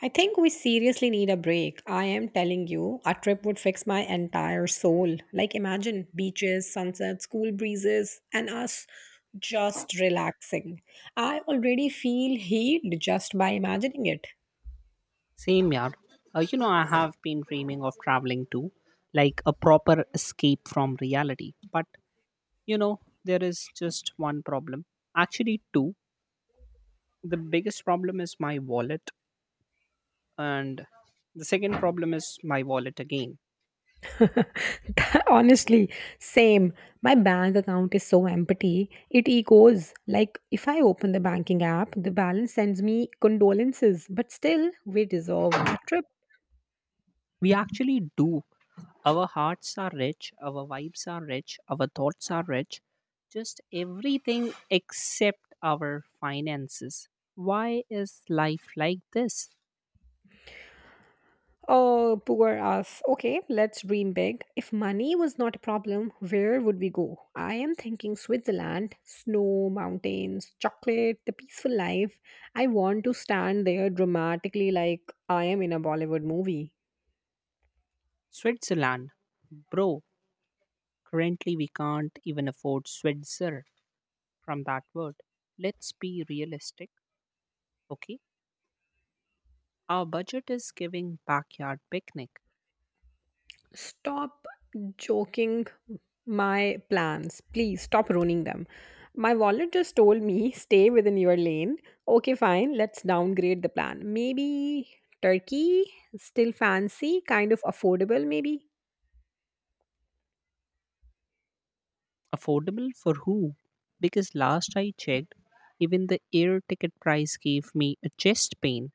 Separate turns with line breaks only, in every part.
I think we seriously need a break. I am telling you, a trip would fix my entire soul. Like, imagine beaches, sunsets, cool breezes, and us just relaxing. I already feel heat just by imagining it.
Same, yeah. I have been dreaming of traveling too, like a proper escape from reality. But there is just one problem. Actually, two. The biggest problem is my wallet, and the second problem is my wallet again.
Honestly, same. My bank account is so empty. It echoes. Like if I open the banking app, the balance sends me condolences. But still, we deserve a trip.
We actually do. Our hearts are rich, our vibes are rich, our thoughts are rich, just everything except our finances. Why is life like this?
Oh, poor us. Okay, let's dream big. If money was not a problem, where would we go? I am thinking Switzerland, snow, mountains, chocolate, the peaceful life. I want to stand there dramatically like I am in a Bollywood movie.
Switzerland. Bro, currently we can't even afford Switzer from that word. Let's be realistic, okay? Our budget is giving backyard picnic.
Stop joking my plans. Please stop ruining them. My wallet just told me stay within your lane. Okay, fine. Let's downgrade the plan. Maybe Turkey, still fancy, kind of affordable, maybe.
Affordable for who? Because last I checked, even the air ticket price gave me a chest pain.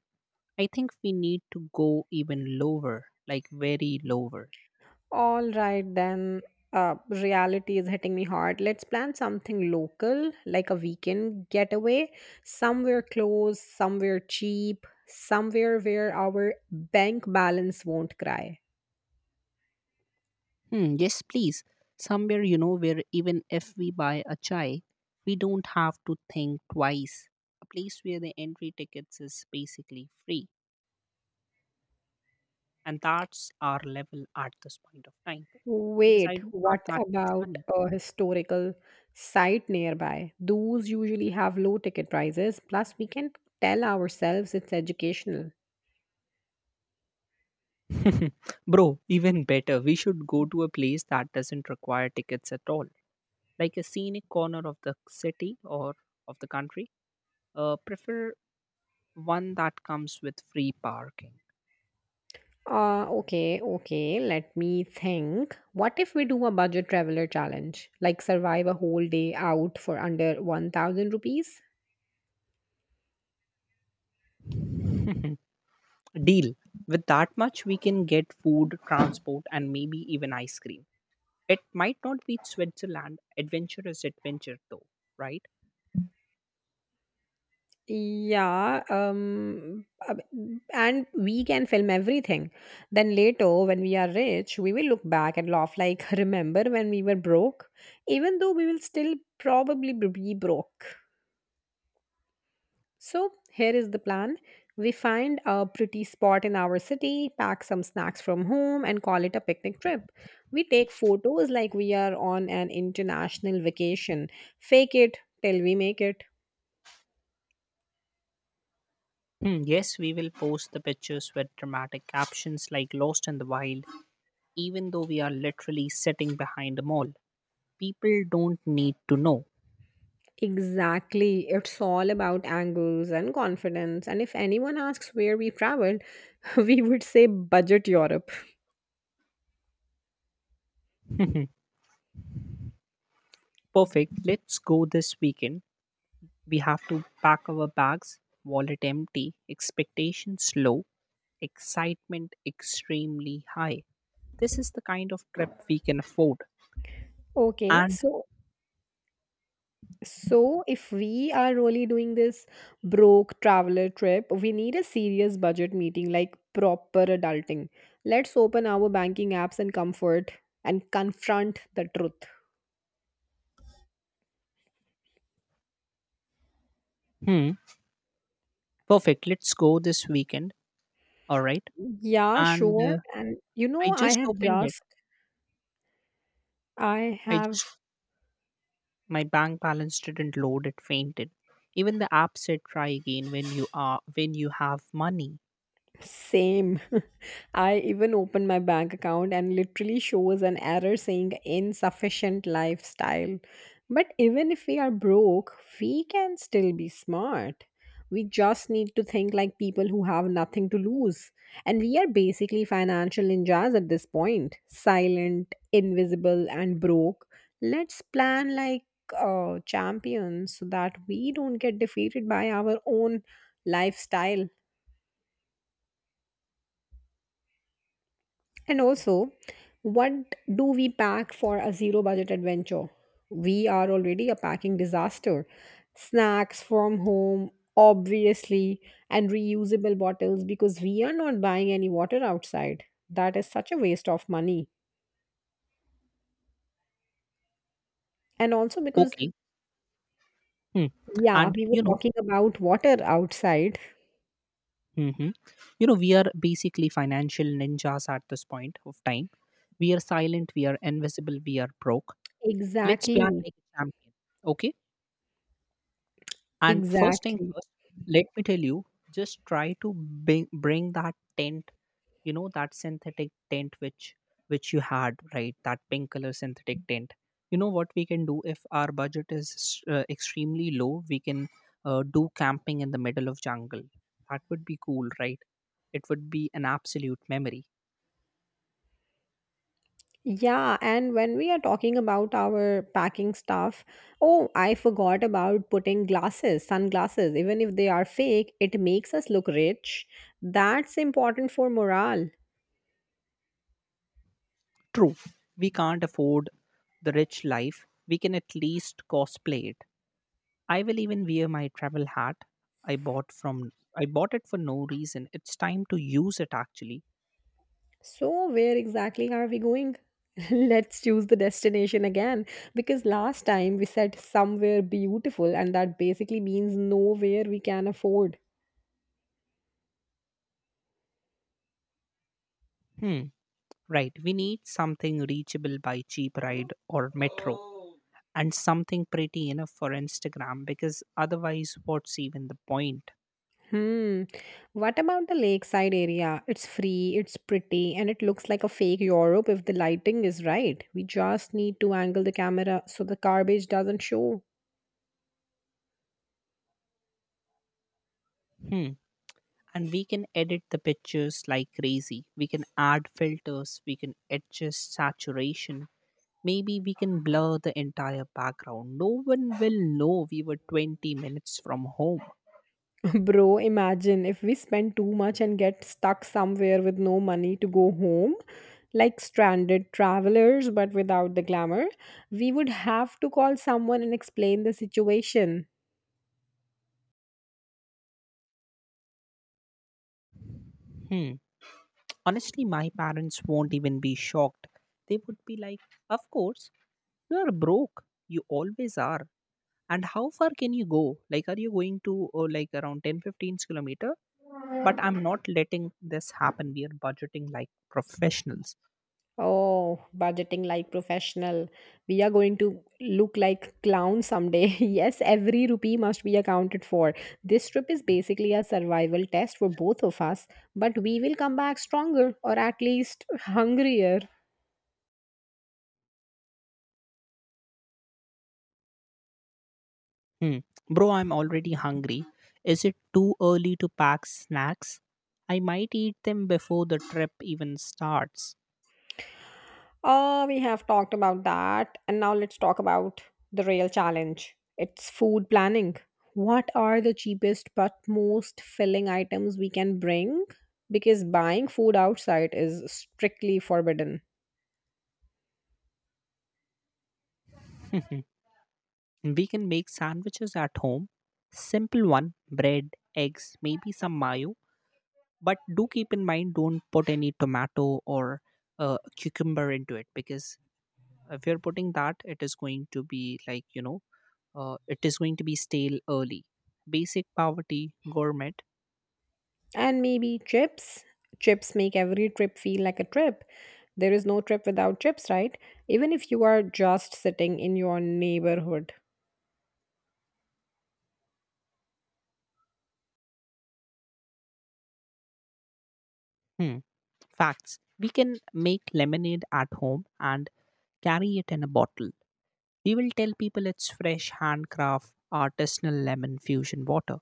I think we need to go even lower, like very lower.
All right, then. Reality is hitting me hard. Let's plan something local, like a weekend getaway, somewhere close, somewhere cheap, somewhere where our bank balance won't cry.
Hmm, yes, please. Somewhere, where even if we buy a chai, we don't have to think twice. A place where the entry tickets is basically free. And that's our level at this point of time. Because I
Wait,
don't have
what
that much
about
money.
a historical site nearby? Those usually have low ticket prices, plus, we can tell ourselves it's educational.
Bro, even better. We should go to a place that doesn't require tickets at all. Like a scenic corner of the city or of the country. Prefer one that comes with free parking.
Okay, okay, let me think. What if we do a budget traveler challenge? Like survive a whole day out for under 1,000 rupees?
deal. With that much, we can get food, transport, and maybe even ice cream. It might not be Switzerland. Adventure is adventure, though, right?
Yeah, and we can film everything. Then later, when we are rich, we will look back and laugh like, remember when we were broke? Even though we will still probably be broke. So, here is the plan. We find a pretty spot in our city, pack some snacks from home, and call it a picnic trip. We take photos like we are on an international vacation, fake it till we make it.
Hmm, yes, we will post the pictures with dramatic captions like Lost in the Wild, even though we are literally sitting behind a mall. People don't need to know.
Exactly. It's all about angles and confidence. And if anyone asks where we traveled, we would say budget Europe.
Perfect. Let's go this weekend. We have to pack our bags, wallet empty, expectations low, excitement extremely high. This is the kind of trip we can afford.
Okay,
And
so if we are really doing this broke traveler trip, we need a serious budget meeting, like proper adulting. Let's open our banking apps and comfort and confront the truth.
hmm, perfect. Let's go this weekend. All right.
Yeah,
And
sure. And you
I
know, I
just
have
opened it.
just I
I
have
just My bank balance didn't load. It fainted. Even the app said try again when you are when you have money.
same. I even opened my bank account and literally shows an error saying insufficient lifestyle. But even if we are broke, we can still be smart. We just need to think like people who have nothing to lose. And we are basically financial ninjas at this point silent, invisible, and broke. Let's plan like champions so that we don't get defeated by our own lifestyle. And also, what do we pack for a zero budget adventure? We are already a packing disaster. Snacks from home, obviously, and reusable bottles because we are not buying any water outside. That is such a waste of money. And also because,
Okay. Hmm.
yeah,
And
we were talking about water outside.
hmm we are basically financial ninjas at this point of time. We are silent. We are invisible. We are broke. Let's plan
Exactly.
like a champion. Okay. And first thing
Exactly.
first, let me tell you, just try to bring that tent, that synthetic tent which you had, right? That pink color synthetic tent. You know what we can do if our budget is extremely low, we can do camping in the middle of jungle. That would be cool, right? It would be an absolute memory.
Yeah, and when we are talking about our packing stuff, oh, I forgot about putting glasses, sunglasses, even if they are fake, it makes us look rich. That's important for morale.
True, we can't afford the rich life. We can at least cosplay it. I will even wear my travel hat I bought from I bought it for no reason. It's time to use it actually.
So, where exactly are we going? Let's choose the destination again because last time we said somewhere beautiful, and that basically means nowhere we can afford.
Hmm. Right. We need something reachable by cheap ride or metro and something pretty enough for Instagram because otherwise what's even the point?
Hmm. What about the lakeside area? It's free, it's pretty, and it looks like a fake Europe if the lighting is right. We just need to angle the camera so the garbage doesn't show.
Hmm. And we can edit the pictures like crazy. We can add filters, we can adjust saturation. Maybe we can blur the entire background. No one will know we were 20 minutes from home.
Bro, imagine if we spend too much and get stuck somewhere with no money to go home, like stranded travelers but without the glamour, we would have to call someone and explain the situation.
Hmm. Honestly, my parents won't even be shocked. They would be like, Of course, you are broke. You always are. And how far can you go? Like, are you going to like around 10 15 kilometer? But I'm not letting this happen. We are budgeting like professionals.
Oh, budgeting like professional. We are going to look like clowns someday. Yes, every rupee must be accounted for. This trip is basically a survival test for both of us, but we will come back stronger or at least hungrier.
Hmm. Bro, I'm already hungry. Is it too early to pack snacks? I might eat them before the trip even starts.
Oh, we have talked about that. And now let's talk about the real challenge. It's food planning. What are the cheapest but most filling items we can bring? Because buying food outside is strictly forbidden.
We can make sandwiches at home. Simple one bread, eggs, maybe some mayo. But do keep in mind don't put any tomato or cucumber into it because if you're putting that, it is going to be like, it is going to be stale early. Basic poverty, gourmet.
And maybe chips. Chips make every trip feel like a trip. There is no trip without chips, right? Even if you are just sitting in your neighborhood.
Hmm. Facts. We can make lemonade at home and carry it in a bottle. We will tell people it's fresh, handcraft, artisanal lemon fusion water,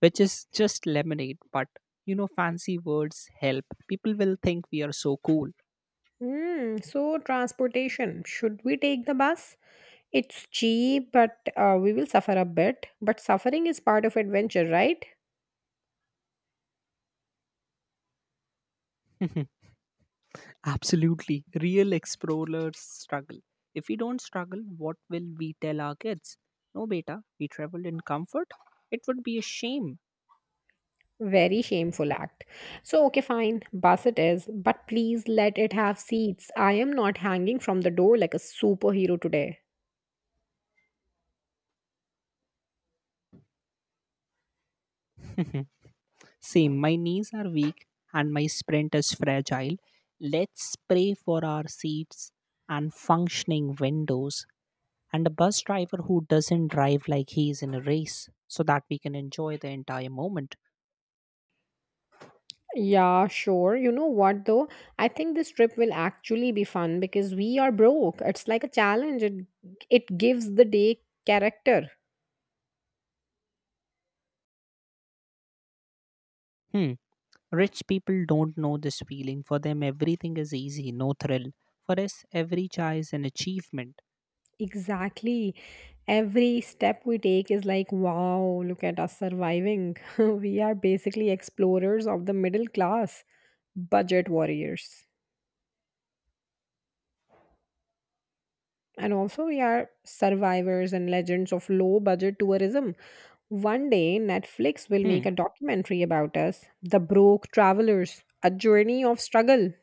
which is just lemonade, but fancy words help. People will think we are so cool.
Hmm. So, transportation, should we take the bus? It's cheap, but we will suffer a bit, but suffering is part of adventure, right?
Absolutely. Real explorers struggle. If we don't struggle, what will we tell our kids? No, beta, we traveled in comfort. It would be a shame.
Very shameful act. So, okay, fine, bus it is, but please let it have seats. I am not hanging from the door like a superhero today.
Same, my knees are weak and my sprint is fragile. Let's pray for our seats and functioning windows and a bus driver who doesn't drive like he is in a race so that we can enjoy the entire moment.
Yeah, sure. You know what though? I think this trip will actually be fun because we are broke. It's like a challenge. It gives the day character.
Hmm. Rich people don't know this feeling. For them, everything is easy, no thrill. For us, every chai is an achievement.
Exactly. Every step we take is like, wow, look at us surviving. We are basically explorers of the middle class, budget warriors. And also, we are survivors and legends of low budget tourism. One day, Netflix will
Hmm.
make a documentary about us, The Broke Travelers, a journey of struggle.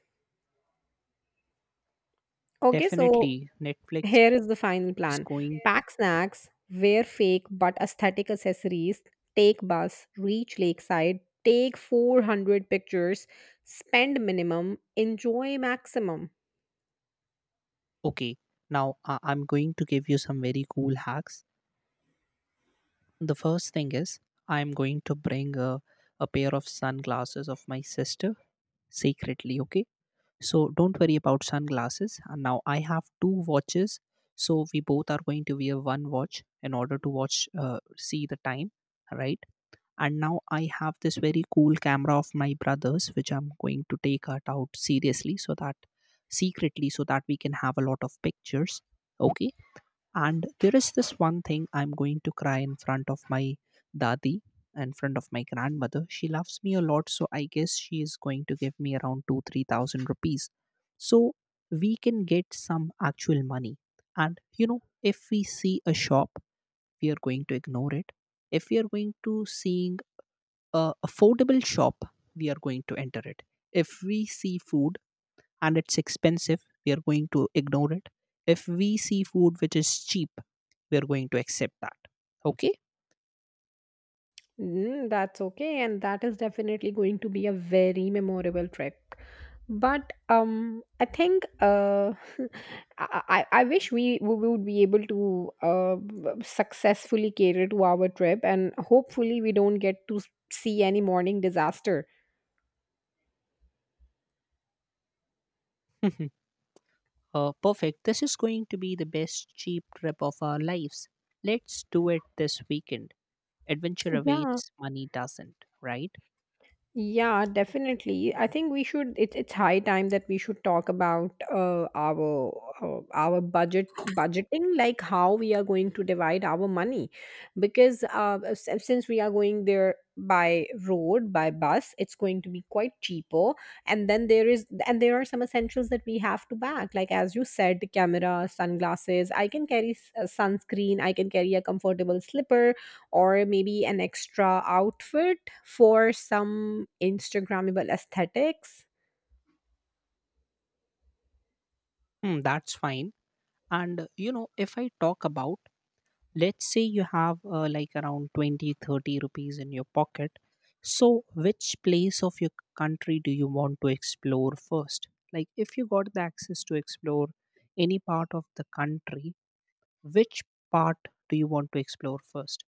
Okay, so
Definitely, Netflix
here is the final
is
plan:
going.
pack snacks, wear fake but aesthetic accessories, take bus, reach lakeside, take 400 pictures, spend minimum, enjoy maximum.
Okay. Now, I'm going to give you some very cool hacks. The first thing is, I'm going to bring a pair of sunglasses of my sister secretly, okay? So don't worry about sunglasses. And now I have two watches. So we both are going to wear one watch in order to watch, see the time, right? And now I have this very cool camera of my brother's, which I'm going to take it out seriously so that secretly, so that we can have a lot of pictures. Okay. And there is this one thing I'm going to cry in front of my dadi and front of my grandmother. She loves me a lot, so I guess she is going to give me around two, 3,000 rupees. So we can get some actual money. And if we see a shop, we are going to ignore it. If we are going to seeing a affordable shop, we are going to enter it. If we see food, and it's expensive, we are going to ignore it. If we see food which is cheap, we are going to accept that. Okay?
Mm, that's okay, and that is definitely going to be a very memorable trip. But I think I wish we would be able to successfully cater to our trip, and hopefully we don't get to see any morning disaster.
Perfect. This is going to be the best cheap trip of our lives. Let's do it this weekend. Adventure
Yeah,
awaits, money doesn't, right?
Yeah, definitely. I think we should. It's high time that we should talk about our uh, our budget budgeting, like how we are going to divide our money, because since we are going there by bus, it's going to be quite cheaper. And then there is and there are some essentials that we have to bag, like as you said, camera, sunglasses. I can carry sunscreen. I can carry a comfortable slipper or maybe an extra outfit for some Instagrammable aesthetics.
Hmm, that's fine. And if I talk about, let's say you have like around 20, 30 rupees in your pocket, so which place of your country do you want to explore first, like if you got the access to explore any part of the country, which part do you want to explore first?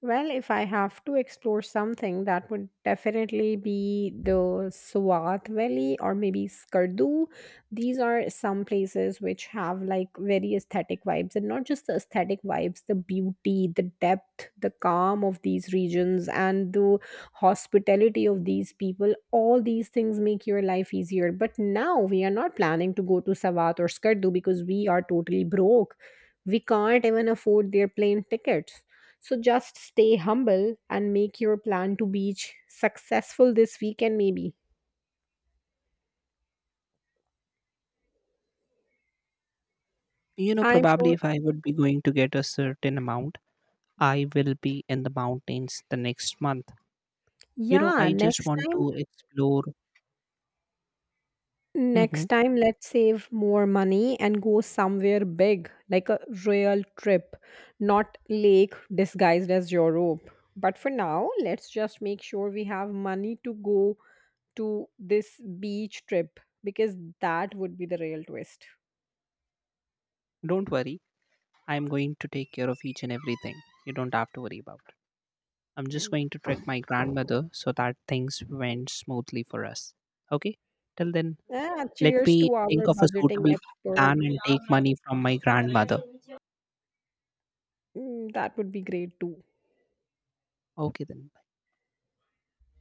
Well, if I have to explore something, that would definitely be the Swat Valley or maybe Skardu. These are some places which have like very aesthetic vibes, and not just the aesthetic vibes, the beauty, the depth, the calm of these regions, and the hospitality of these people. All these things make your life easier. But now we are not planning to go to Swat or Skardu because we are totally broke. We can't even afford their plane tickets. So just stay humble and make your plan to beach successful this weekend maybe.
you know
I'm
probably
sure.
if I would be going to get a certain amount, I will be in the mountains the next month. you know
Yeah,
i just
next
want
time
to explore. Mhm.
next time let's save more money and go somewhere big like a real trip, not lake disguised as Europe. But for now, let's just make sure we have money to go to this beach trip because that would be the real twist.
Don't worry, I'm going to take care of each and everything. You don't have to worry about. I'm just
Mm.
going to trick my grandmother so that things went smoothly for us. Okay? Till then,
Ah,
let
cheers
me
to our
think of a
budgeting
suitable
expert.
plan and take money from my grandmother.
Mm, that would be great too.
Okay, then.